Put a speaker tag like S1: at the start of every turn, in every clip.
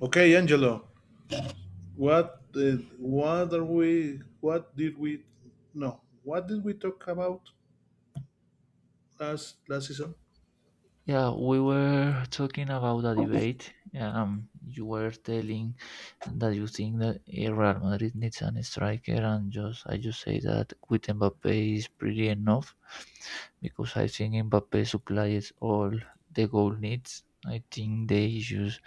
S1: Okay, Angelo, what are we? What did we? No, what did we talk about last season?
S2: Yeah, we were talking about a debate. You were telling that you think that Real Madrid needs an striker, and just I just say that with Mbappe is pretty enough because I think Mbappe supplies all the goal needs. I think the issues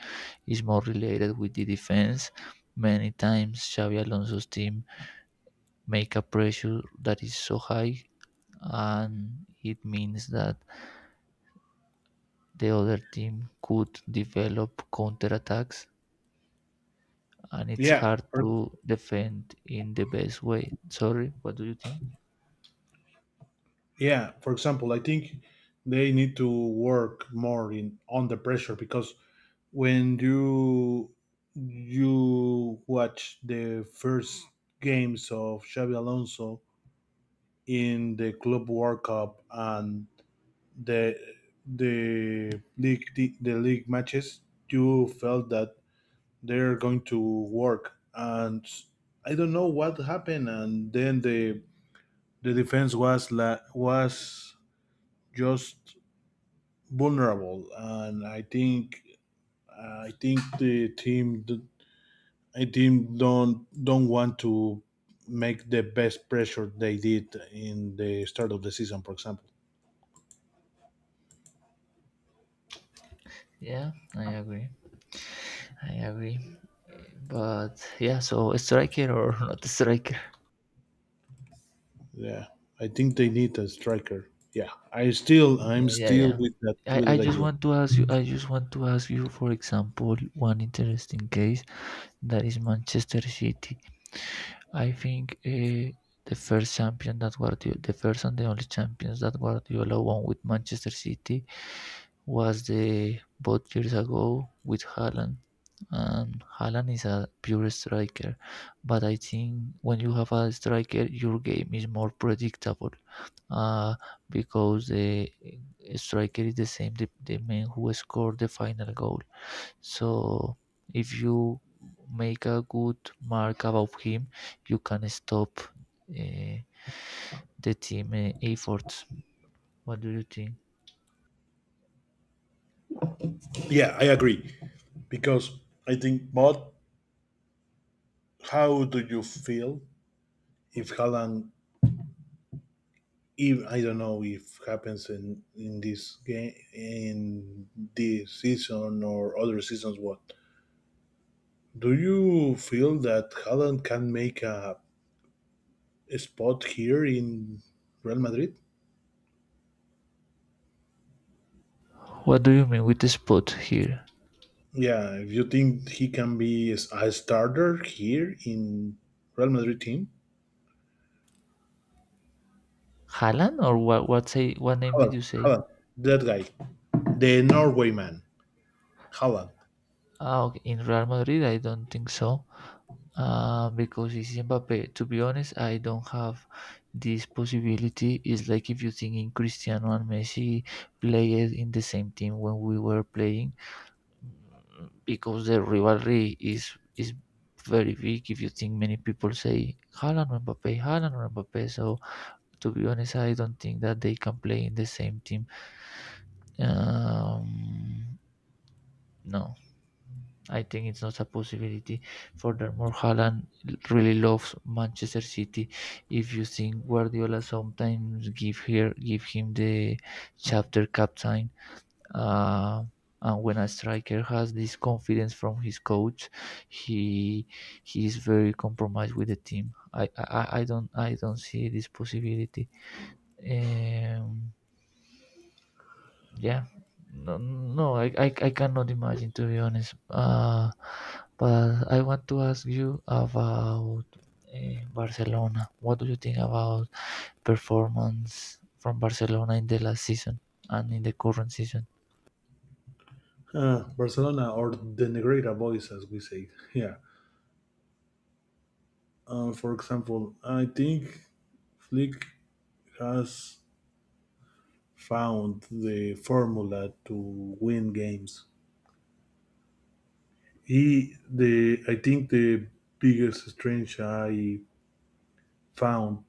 S2: is more related with the defense. Many times Xavi Alonso's team make a pressure that is so high, and it means that the other team could develop counterattacks and it's
S1: Yeah,
S2: hard to defend in the best way. Sorry, what do you think?
S1: yeah. For example, I think they need to work more in on the pressure because when you watch the first games of Xavi Alonso in the Club World Cup and the the league matches, you felt that they're going to work and I don't know what happened, and then the defense was just vulnerable, and I think the team, I team don't want to make the best pressure they did in the start of the season, for example.
S2: Yeah, I agree. I agree. But yeah, so a striker or not a striker?
S1: Yeah, I think they need a striker. Yeah, i still
S2: Yeah,
S1: i'm
S2: yeah,
S1: still
S2: yeah.
S1: with that with that idea.
S2: I just want to ask you for example one interesting case that is Manchester City. I think the first and the only champions that Guardiola won with Manchester City was the both years ago with Haaland, and Haaland is a pure striker. But I think when you have a striker, your game is more predictable uh, because the striker is the same, the man who scored the final goal. So if you make a good mark about him, you can stop the team efforts. What do you think?
S1: Yeah, I agree, because I think both. How do you feel if Haaland, if I don't know, if happens in this game in this season or other seasons? What do you feel that Haaland can make a spot here in Real Madrid?
S2: What do you mean with the spot here?
S1: Yeah, if you think he can be a starter here in Real Madrid team,
S2: Haaland or what? What say? What name
S1: Haaland,
S2: did you say?
S1: Haaland, that guy, the Norway man, Haaland.
S2: Ah, okay. In Real Madrid, I don't think so. Because it's Mbappe. To be honest, I don't have this possibility. It's like if you think in Cristiano and Messi played in the same team when we were playing, because the rivalry is very big. If you think many people say Haaland or Mbappe, so to be honest, I don't think that they can play in the same team. Um, no. I think it's not a possibility. Furthermore, Haaland really loves Manchester City. If you think Guardiola sometimes give him the chapter captain, uh, and when a striker has this confidence from his coach, he he is very compromised with the team. I don't see this possibility. Um, yeah, no, no, I cannot imagine to be honest. But I want to ask you about Barcelona. What do you think about performance from Barcelona in the last season and in the current season?
S1: Barcelona or the Negreira boys, as we say. Yeah. For example, I think Flick has found the formula to win games. He the I think the biggest strength I found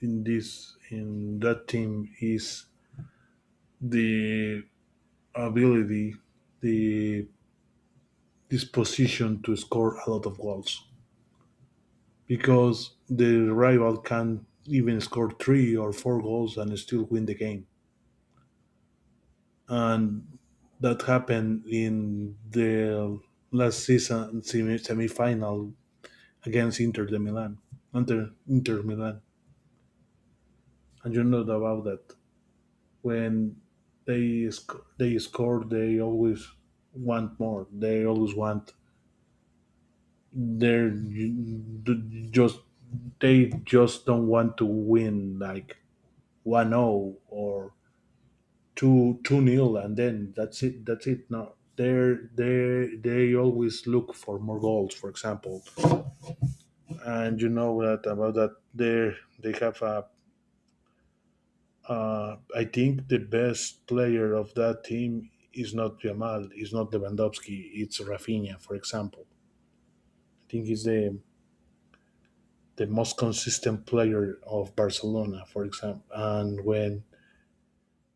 S1: in this in that team is the ability, the disposition to score a lot of goals, because the rival can even score three or four goals and still win the game, and that happened in the last season semi final against Inter de Milan, Inter Milan, and you know about that. When they score, they always want more. They always want. They're just they just don't want to win like 1-0 or two nil, and then that's it. No, they always look for more goals, for example. And you know that about that. They have a, I think the best player of that team is not Jamal, is not Lewandowski, it's Rafinha, for example. I think he's the most consistent player of Barcelona, for example. And when,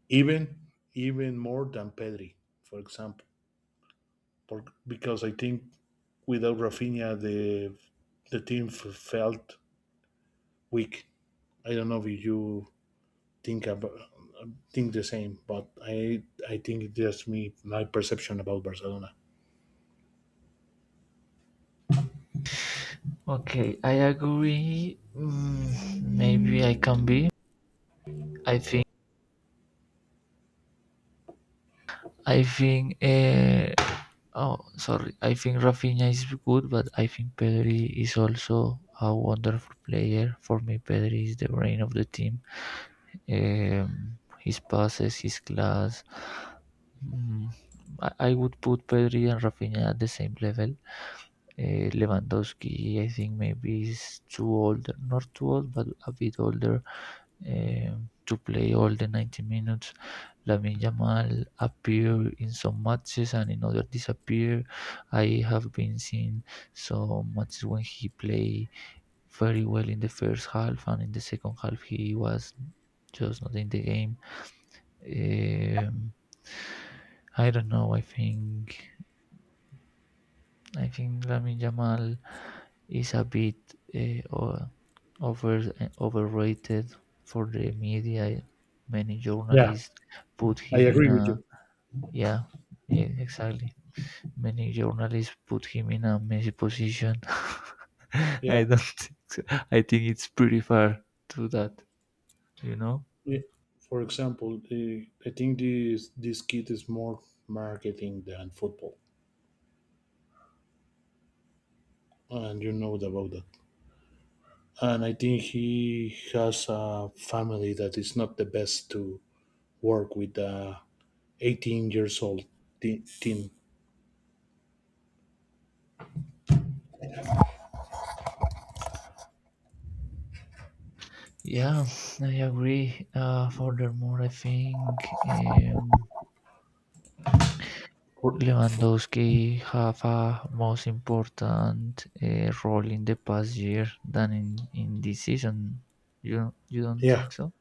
S1: even even more than Pedri, for example, because I think without Rafinha, the team felt weak. I don't know if you think about think the same, but I think it's just me, my perception about Barcelona.
S2: Okay, I agree. Maybe I can be, i think I think, oh, sorry. I think Rafinha is good, but I think Pedri is also a wonderful player. For me, Pedri is the brain of the team. His passes, his class. Mm, I would put Pedri and Rafinha at the same level. Lewandowski, I think maybe is too old, not too old, but a bit older to play all the 90 minutes. Lamine Yamal appear in some matches and in other disappear. I have been seeing some matches when he play very well in the first half and in the second half he was just not in the game. Um, I don't know. I think Lamine Yamal is a bit uh, over overrated for the media. Many
S1: Yeah,
S2: journalists put
S1: I
S2: him in
S1: agree with you.
S2: a, yeah, yeah, exactly. Many journalists put him in a messy position.
S1: Yeah.
S2: I don't think so. I think it's pretty far to that, you know.
S1: i- For example, I think this kid is more marketing than football, and you know about that. And I think he has a family that is not the best to work with a 18 years old team.
S2: Yeah, I agree. Furthermore, I think Lewandowski have a most important role in the past year than in this season. You don't
S1: Yeah,
S2: think so?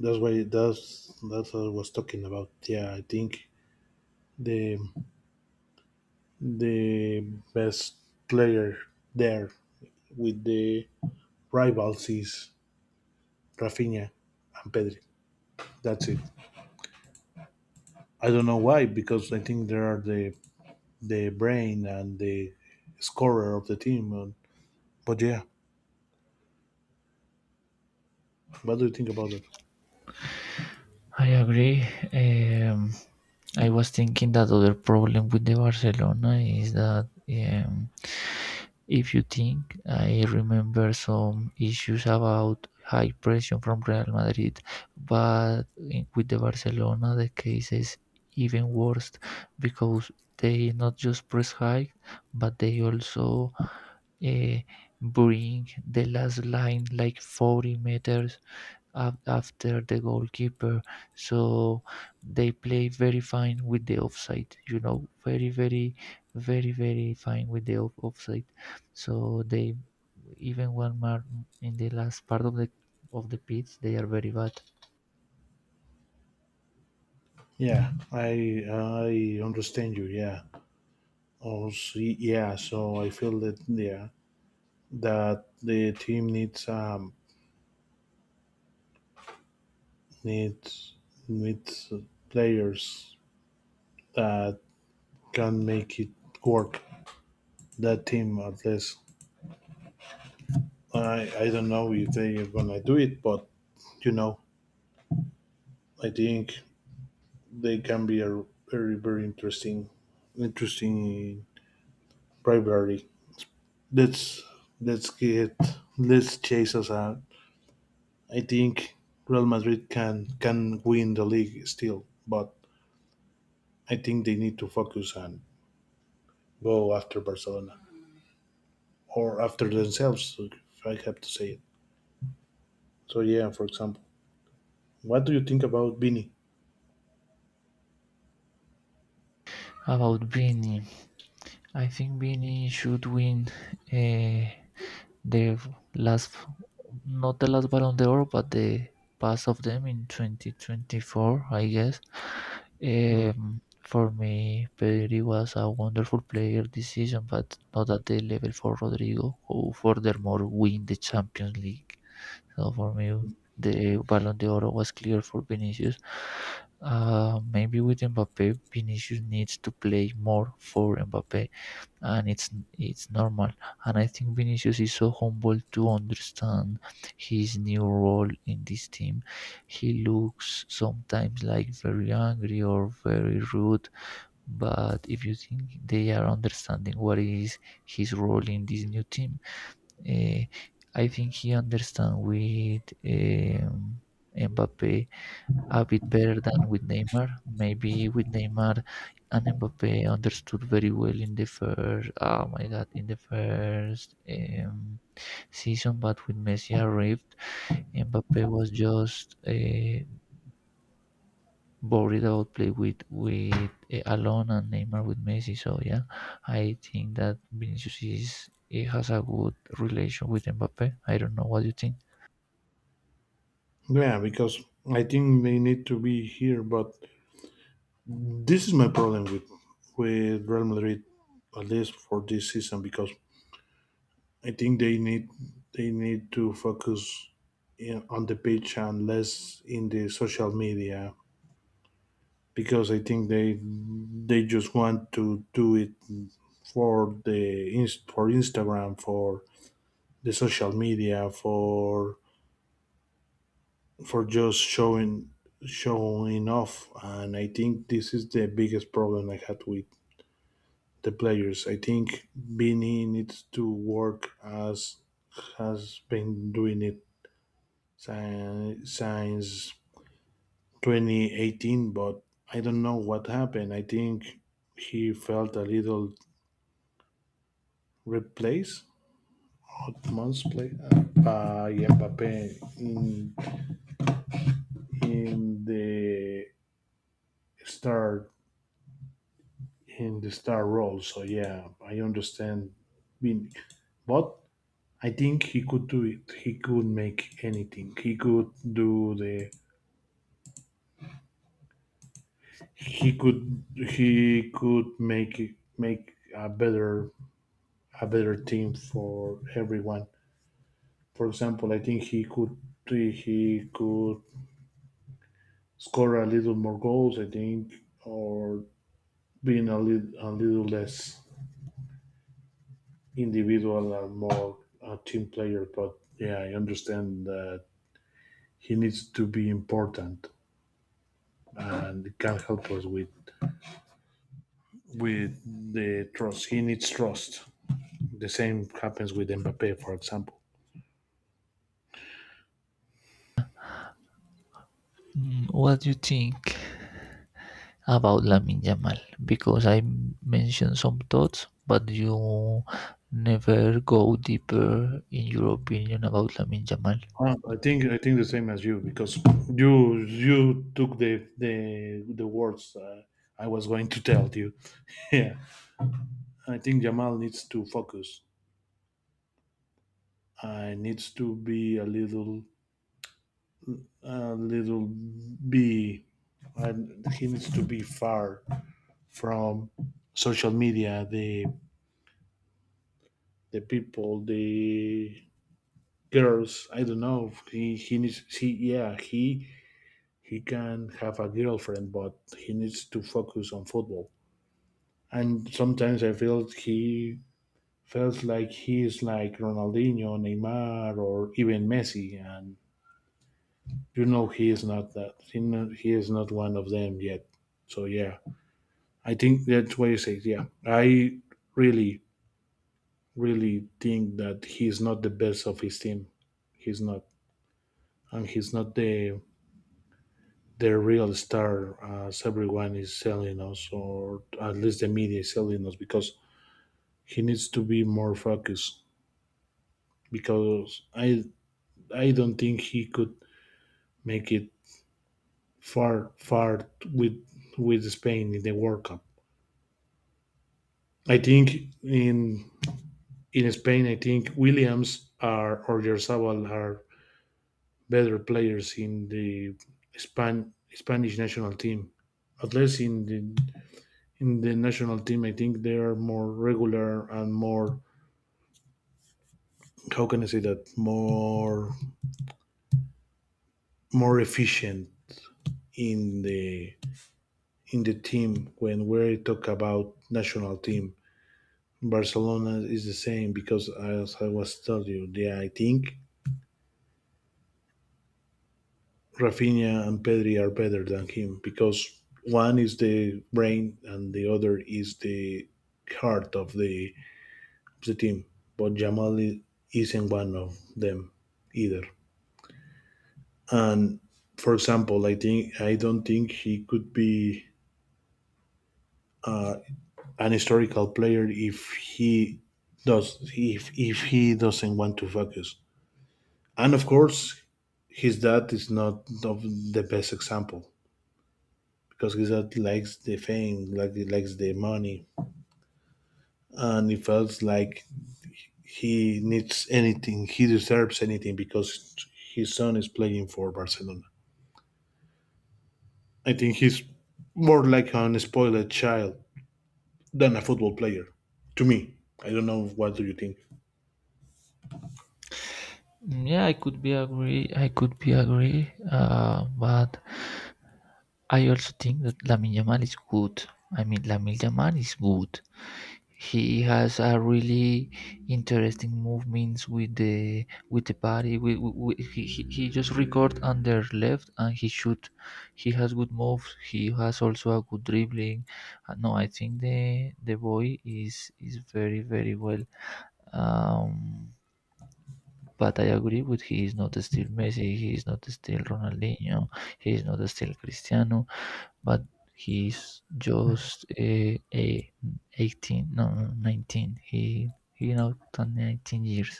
S1: that's why that's what I was talking about. Yeah, I think the the best player there with the rivals is Rafinha and Pedri. That's it. I don't know why, because I think they are the brain and the scorer of the team. But yeah, what do you think about that?
S2: I agree. Um, I was thinking that other problem with the Barcelona is that if you think I remember some issues about high pressure from Real Madrid, but with the Barcelona the case is even worse because they not just press high, but they also uh, bring the last line like 40 meters after the goalkeeper. So they play very fine with the offside, very, very, very, very fine with the offside. So they even one mark in the last part of the pitch, they are very bad.
S1: Yeah, I understand you. Yeah, yeah. So I feel that, yeah, that the team needs needs players that can make it work. That team, at least. I don't know if they are gonna do it, but you know, I think they can be a very very interesting rivalry. Let's let's get let's chase us out. I think Real Madrid can win the league still, but I think they need to focus and go after Barcelona, or after themselves, so, if I have to say it. So yeah, for example, what do you think about Vinny?
S2: About Vini, I think Vini should win. Uh, The last, not the last Ballon d'Or, but the past of them in 2024, I guess.
S1: Mm.
S2: For me, Pedri was a wonderful player this season, but not at the level for Rodrigo, who furthermore win the Champions League. So for me, the Ballon d'Or was clear for Vinicius. Maybe with Mbappe, Vinicius needs to play more for Mbappe and it's normal. And I think Vinicius is so humble to understand his new role in this team. He looks sometimes like very angry or very rude, but if you think they are understanding what is his role in this new team, uh, I think he understands with Mbappe a bit better than with Neymar. Maybe with Neymar and Mbappe understood very well in the first, oh my God, in the first season, but when Messi arrived, Mbappe was just worried about play with alone and Neymar with Messi. So yeah, I think that Vinicius is, he has a good relation with Mbappe. I don't know what you think.
S1: Yeah, because I think they need to be here, but this is my problem with Real Madrid, at least for this season, because I think they need to focus on the pitch and less in the social media, because I think they just want to do it for for Instagram, for the social media, for just showing off. And I think this is the biggest problem I had with the players. I think Vini needs to work as has been doing it since 2018, but I don't know what happened. I think he felt a little replaced hot months play, by Mbappe in start the star role. So yeah, I understand. Being, but I think he could do it. He could make anything. He could do the. He could make it- make a better team for everyone. For example, I think he could score a little more goals, I think, or being a little less individual and more a team player. But yeah, I understand that he needs to be important and can help us with with the trust. He needs trust. The same happens with Mbappe, for example.
S2: What do you think about Lamin Yamal because I mentioned some thoughts, but you never go deeper in your opinion about Lamin Yamal.
S1: I think the same as you, because you you took the words, I was going to tell you. Yeah, I think Jamal needs to focus. I needs to be a little be. And he needs to be far from social media, the people, the girls. I don't know. He needs he yeah, he can have a girlfriend, but he needs to focus on football. And sometimes I feel he feels like he is like Ronaldinho, Neymar, or even Messi, and you know he is not that. He is not one of them yet. So yeah, I think that's why I say yeah. I really really think that he's not the best of his team. He's not. And he's not the real star, as everyone is selling us, or at least the media is selling us, because he needs to be more focused. Because I don't think he could make it far with Spain in the World Cup. I think in Spain, I think Williams are, or Yarzabal are better players in the Spanish national team, at least in the national team. I think they are more regular and more, how can I say that, more efficient in the team when we talk about national team. Barcelona is the same, because as I was telling you, yeah, I think Rafinha and Pedri are better than him, because one is the brain and the other is the heart of the team. But Jamal isn't one of them either. And for example, I don't think he could be an historical player if he doesn't want to focus. And of course, his dad is not of the best example, because his dad likes the fame, like he likes the money, and he feels like he needs anything, he deserves anything because his son is playing for Barcelona. I think he's more like an spoiled child than a football player. To me, I don't know what do you think.
S2: Yeah, I could be agree. I could be agree, but I also think that Lamin Yamal is good. I mean, Lamin Yamal is good. He has a really interesting movements with the body. He just record under left and he shoot. He has good moves. He has also a good dribbling. No, I think the boy is very very well. Um, but I agree with he is not still Messi. He is not still Ronaldinho. He is not still Cristiano but he's just a 18 no no, 19, he not 19 years.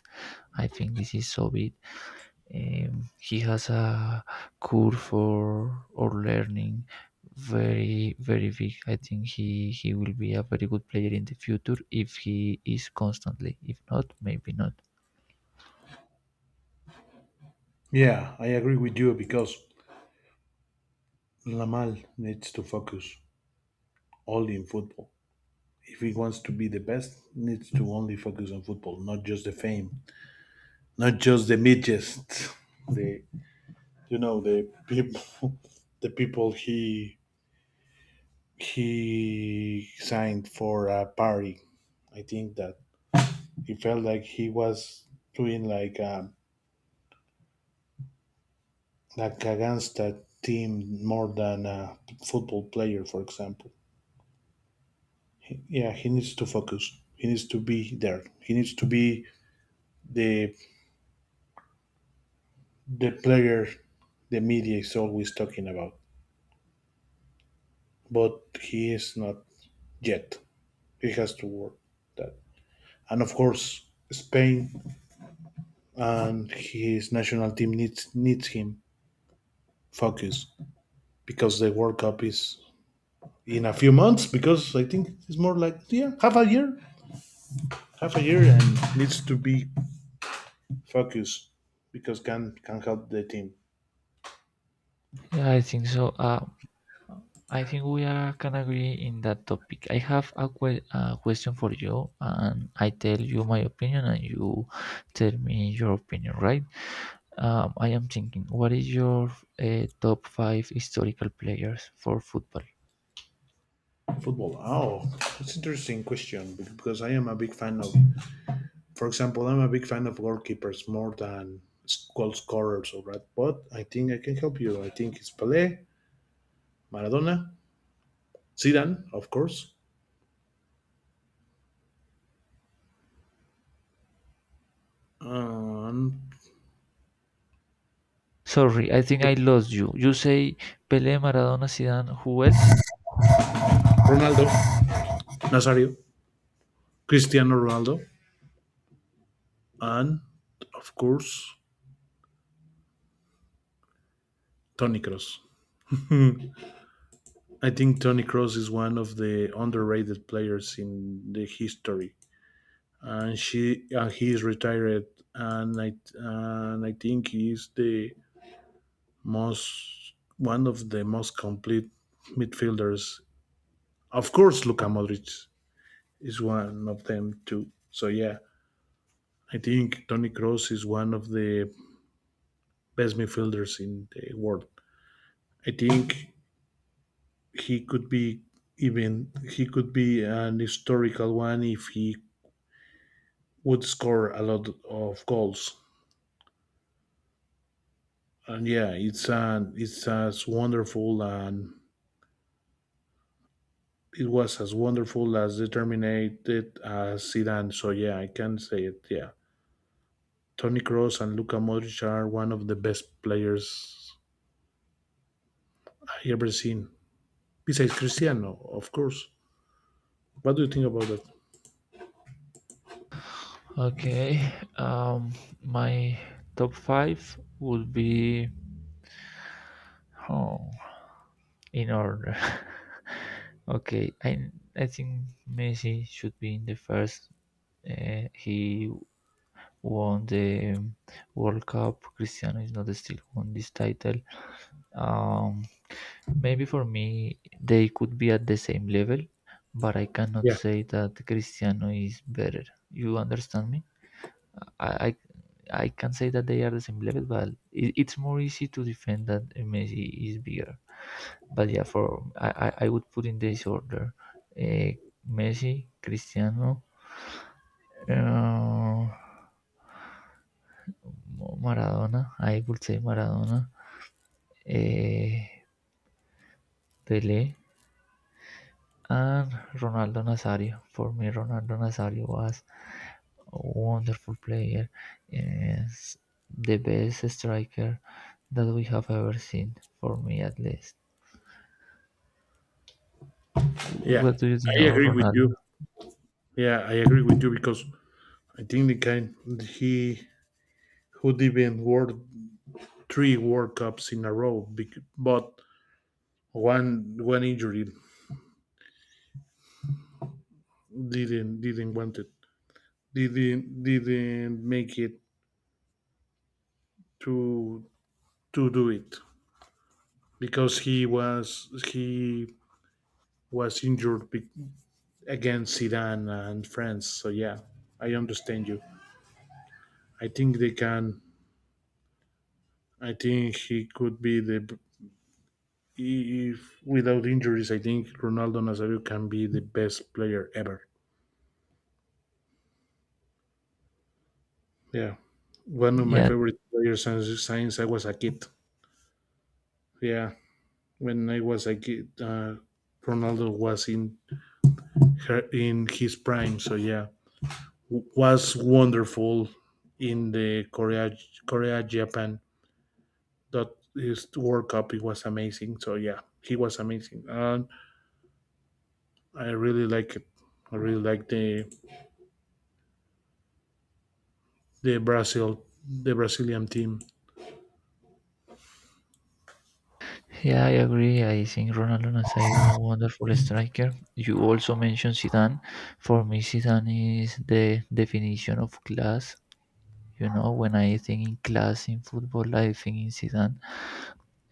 S2: I think this is so big. He has a curve for or learning very, very big. I think he will be a very good player in the future if he is constantly, if not maybe not.
S1: Yeah, I agree with you because Lamal needs to focus only in football. If he wants to be the best, needs to only focus on football, not just the fame, not just the midgets, the you know the people, the people he signed for a party. I think that he felt like he was doing like against a team more than a football player, for example. Yeah, he needs to focus. He needs to be there. He needs to be the the player the media is always talking about. But he is not yet. He has to work that. And of course, Spain and his national team needs him focus, because the World Cup is in a few months. Because I think it's more like, yeah, half a year, and needs to be focus because can help the team.
S2: Yeah, I think so. I think we are can agree in that topic. I have a question for you, and I tell you my opinion, and you tell me your opinion. Right? I am thinking, what is your top five historical players for football?
S1: Football. Oh, that's interesting question, because I am a big fan of, for example, I'm a big fan of goalkeepers more than goal scorers or that. But I think I can help you. I think it's Pele, Maradona, Zidane, of course, and
S2: Sorry, I think I lost you. You say Pelé, Maradona, Zidane. Who else?
S1: Ronaldo Nazario, Cristiano Ronaldo, and of course Tony Cross. I think Tony Cross is one of the underrated players in the history, and she and he is retired, and I think he is the most one of the most complete midfielders. Of course, Luka Modric is one of them too. So yeah, I think Toni Kroos is one of the best midfielders in the world. I think he could be even he could be an historical one if he would score a lot of goals. And yeah, it's an it's as wonderful and it was as wonderful as determined as Zidane. So yeah, I can say it. Yeah, Toni Kroos and Luka Modric are one of the best players I ever seen. Besides Cristiano, of course. What do you think about that?
S2: Okay. Um, my top five would be. Oh, in order. Okay, I think Messi should be in the first. He won the World Cup. Cristiano is not still won this title. Um, Maybe for me they could be at the same level, but I cannot
S1: Yeah,
S2: say that Cristiano is better. You understand me? I I, I can say that they are the same level, but it's more easy to defend that Messi is bigger. But yeah, for I would put in this order: uh, Messi, Cristiano, uh, Maradona. I would say Maradona, uh, Pele, and Ronaldo Nazario. For me, Ronaldo Nazario was a wonderful player, is the best striker that we have ever seen, for me at least.
S1: yeah,
S2: What do you think
S1: I
S2: of
S1: agree with
S2: Ronaldo?
S1: you. Yeah, I agree with you, because I think the kind, he who didn't world three World Cups in a row, but one injury didn't want it, didn't make it to to do it, because he was injured, against Iran and France. So yeah, I understand you. I think they can. I think he could be the, if without injuries. I think Ronaldo Nazario can be the best player ever. Yeah, one of my
S2: Yeah,
S1: favorite players since I was a kid. Yeah, when I was a kid, Ronaldo was in his prime. So yeah, was wonderful in the Korea Japan. That his World Cup it was amazing. So yeah, he was amazing, and I really like it. I really like the Brazilian team.
S2: yeah, I agree. I think Ronaldo Nazairo, wonderful striker. You also mentioned Zidane. For me, Zidane is the definition of class. You know, when I think in class in football, I think in Zidane.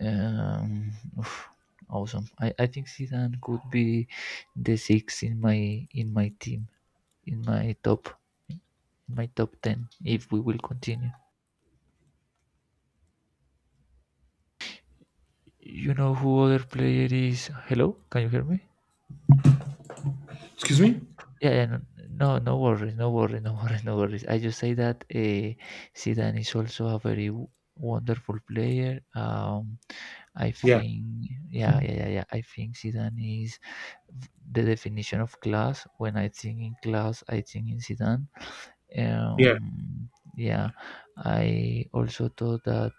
S2: Um, Oof, awesome. I think Zidane could be the six in my team, in my top, in my top 10, if we will continue. You know who other player is? Hello, can you hear me?
S1: Excuse me?
S2: Yeah, yeah, no, no worries, no worries, no worries, no worries. I just say that Zidane is also a very wonderful player. I
S1: Yeah,
S2: think, yeah, yeah, yeah, yeah. I think Zidane is the definition of class. When I think in class, I think in Zidane.
S1: yeah,
S2: Um, yeah, I also thought that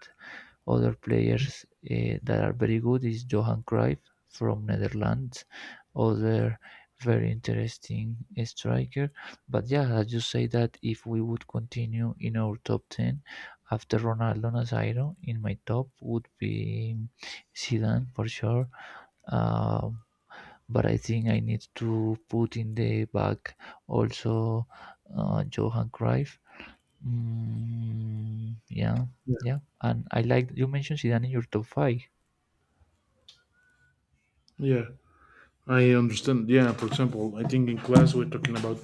S2: other players that are very good is Johan Cruyff from Netherlands, other very interesting striker. But yeah, as you say that if we would continue in our top 10 after Ronaldo Nazairo, in my top would be Zidane for sure. Um, but I think I need to put in the back also Johan Cruyff. Mm, yeah,
S1: yeah,
S2: yeah. And I like you mentioned Zidane in your top five.
S1: yeah. I understand. Yeah, for example, I think in class we're talking about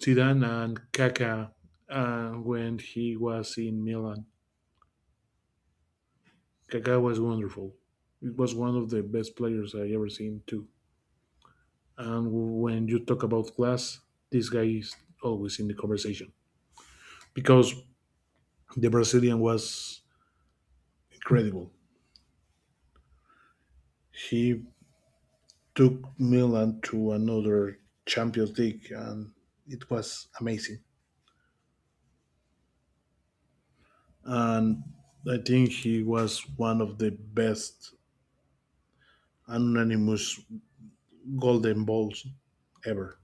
S1: Zidane and Kaká, when he was in Milan. Kaká was wonderful. It was one of the best players I ever seen too. And when you talk about class, this guy is always in the conversation, because the Brazilian was incredible. He took Milan to another Champions League, and it was amazing. And I think he was one of the best anonymous golden balls ever.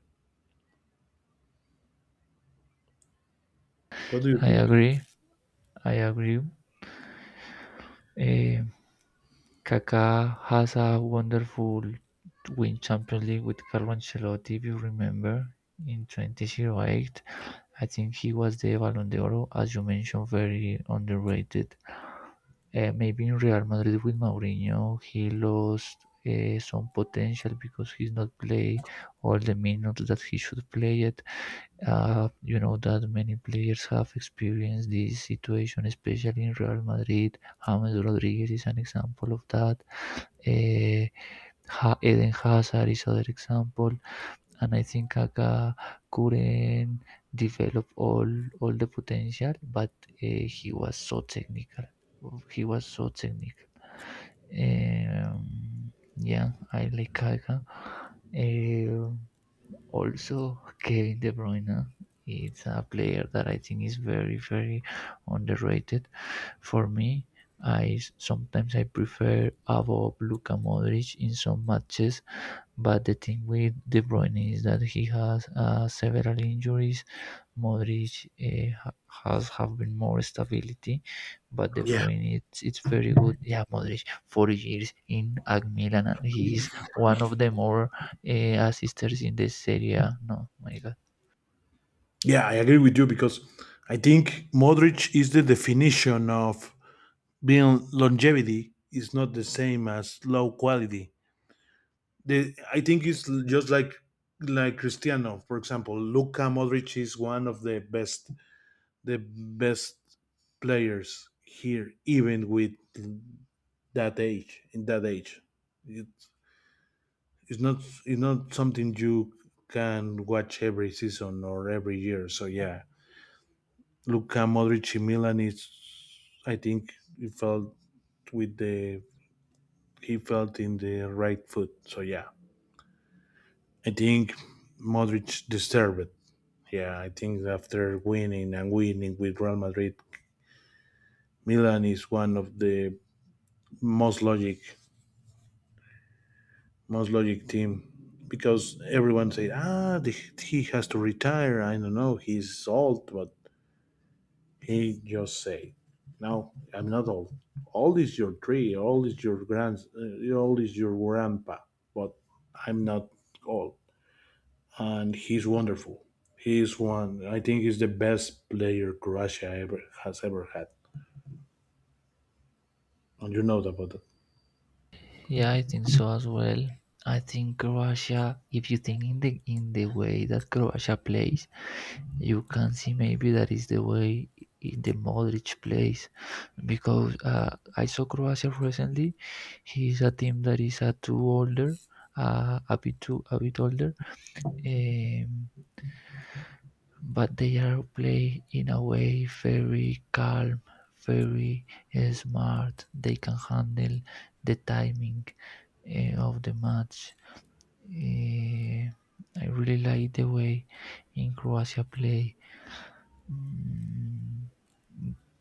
S1: What do you
S2: I
S1: think?
S2: agree. I agree. Eh, Kaká has a wonderful win Champions League with Carlo Ancelotti, if you remember, in 2008. I think he was the Ballon d'Or, as you mentioned, very underrated. Maybe in Real Madrid with Mourinho, he lost some potential because he's not play all the minutes that he should play it. You know that many players have experienced this situation, especially in Real Madrid. James Rodriguez is an example of that. Eh, Eden Hazard is other example, and I think Kaká couldn't develop all the potential, but he was so technical. He was so technical. Yeah, I like Kaká. Eh, Also, Kevin De Bruyne it's a player that I think is very, very underrated. For me, I sometimes I prefer above Luka Modric in some matches but the thing with De Bruyne is that he has several injuries. Modric has have been more stability, but De
S1: Yeah,
S2: Bruyne it's very good. Yeah, Modric 4 years in AC Milan and he is one of the more assisters in the Serie A. No, my God.
S1: yeah, I agree with you, because I think Modric is the definition of being, longevity is not the same as low quality. I think it's just like Cristiano, for example. Luka Modric is one of the best players here, even with that age. In that age, it, it's not it's not something you can watch every season or every year. So yeah, Luka Modric in Milan is, I think, it felt with the he felt in the right foot. So yeah, I think Modric deserved it. Yeah, I think after winning and winning with Real Madrid, Milan is one of the most logic, most logic team, because everyone said, ah, he has to retire. I don't know, he's old, but he just said, no, I'm not old. Old is your tree, old is your grand, old is your grandpa, but I'm not old. And he's wonderful. He's one. I think he's the best player Croatia ever has ever had, and you know about that.
S2: Yeah, I think so as well. I think Croatia, if you think in the way that Croatia plays, you can see maybe that is the way in the Modric plays because I saw Croatia recently. He is a team that is a two older, a bit too, a bit older, um, but they are play in a way very calm, very smart. They can handle the timing of the match. Uh, I really like the way in Croatia play. Mm,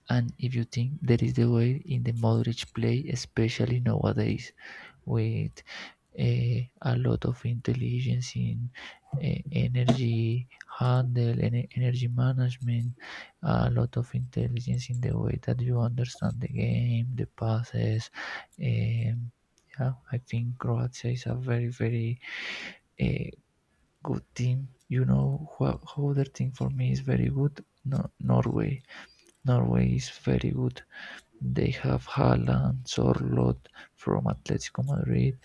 S2: And if you think there is the way in the Modric play, especially nowadays with a lot of intelligence in energy handle, energy management, a lot of intelligence in the way that you understand the game, the passes. Um, yeah, I think Croatia is a very, very eh, good team. You know, who other team for me is very good? No, Norway. Norway is very good. They have Haaland, Sorloth from Atletico Madrid.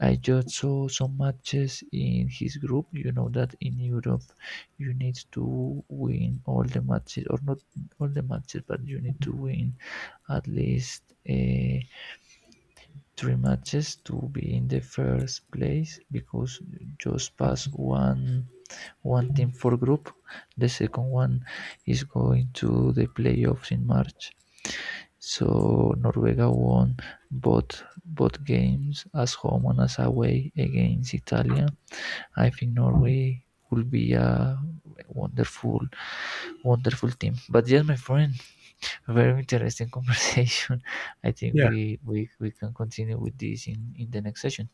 S2: I just saw some matches in his group. You know that in Europe you need to win all the matches, or not all the matches, but you need to win at least three matches to be in the first place because just pass one team for group. The second one is going to the playoffs in March. So Noruega won both games as home and as away against Italia. I think Norway will be a wonderful, wonderful team. But yes, my friend, very interesting conversation. I think
S1: Yeah,
S2: we can continue with this in the next session.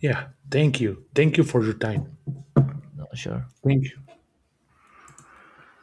S1: yeah. Thank you. Thank you for your time.
S2: Not sure.
S1: Thank you.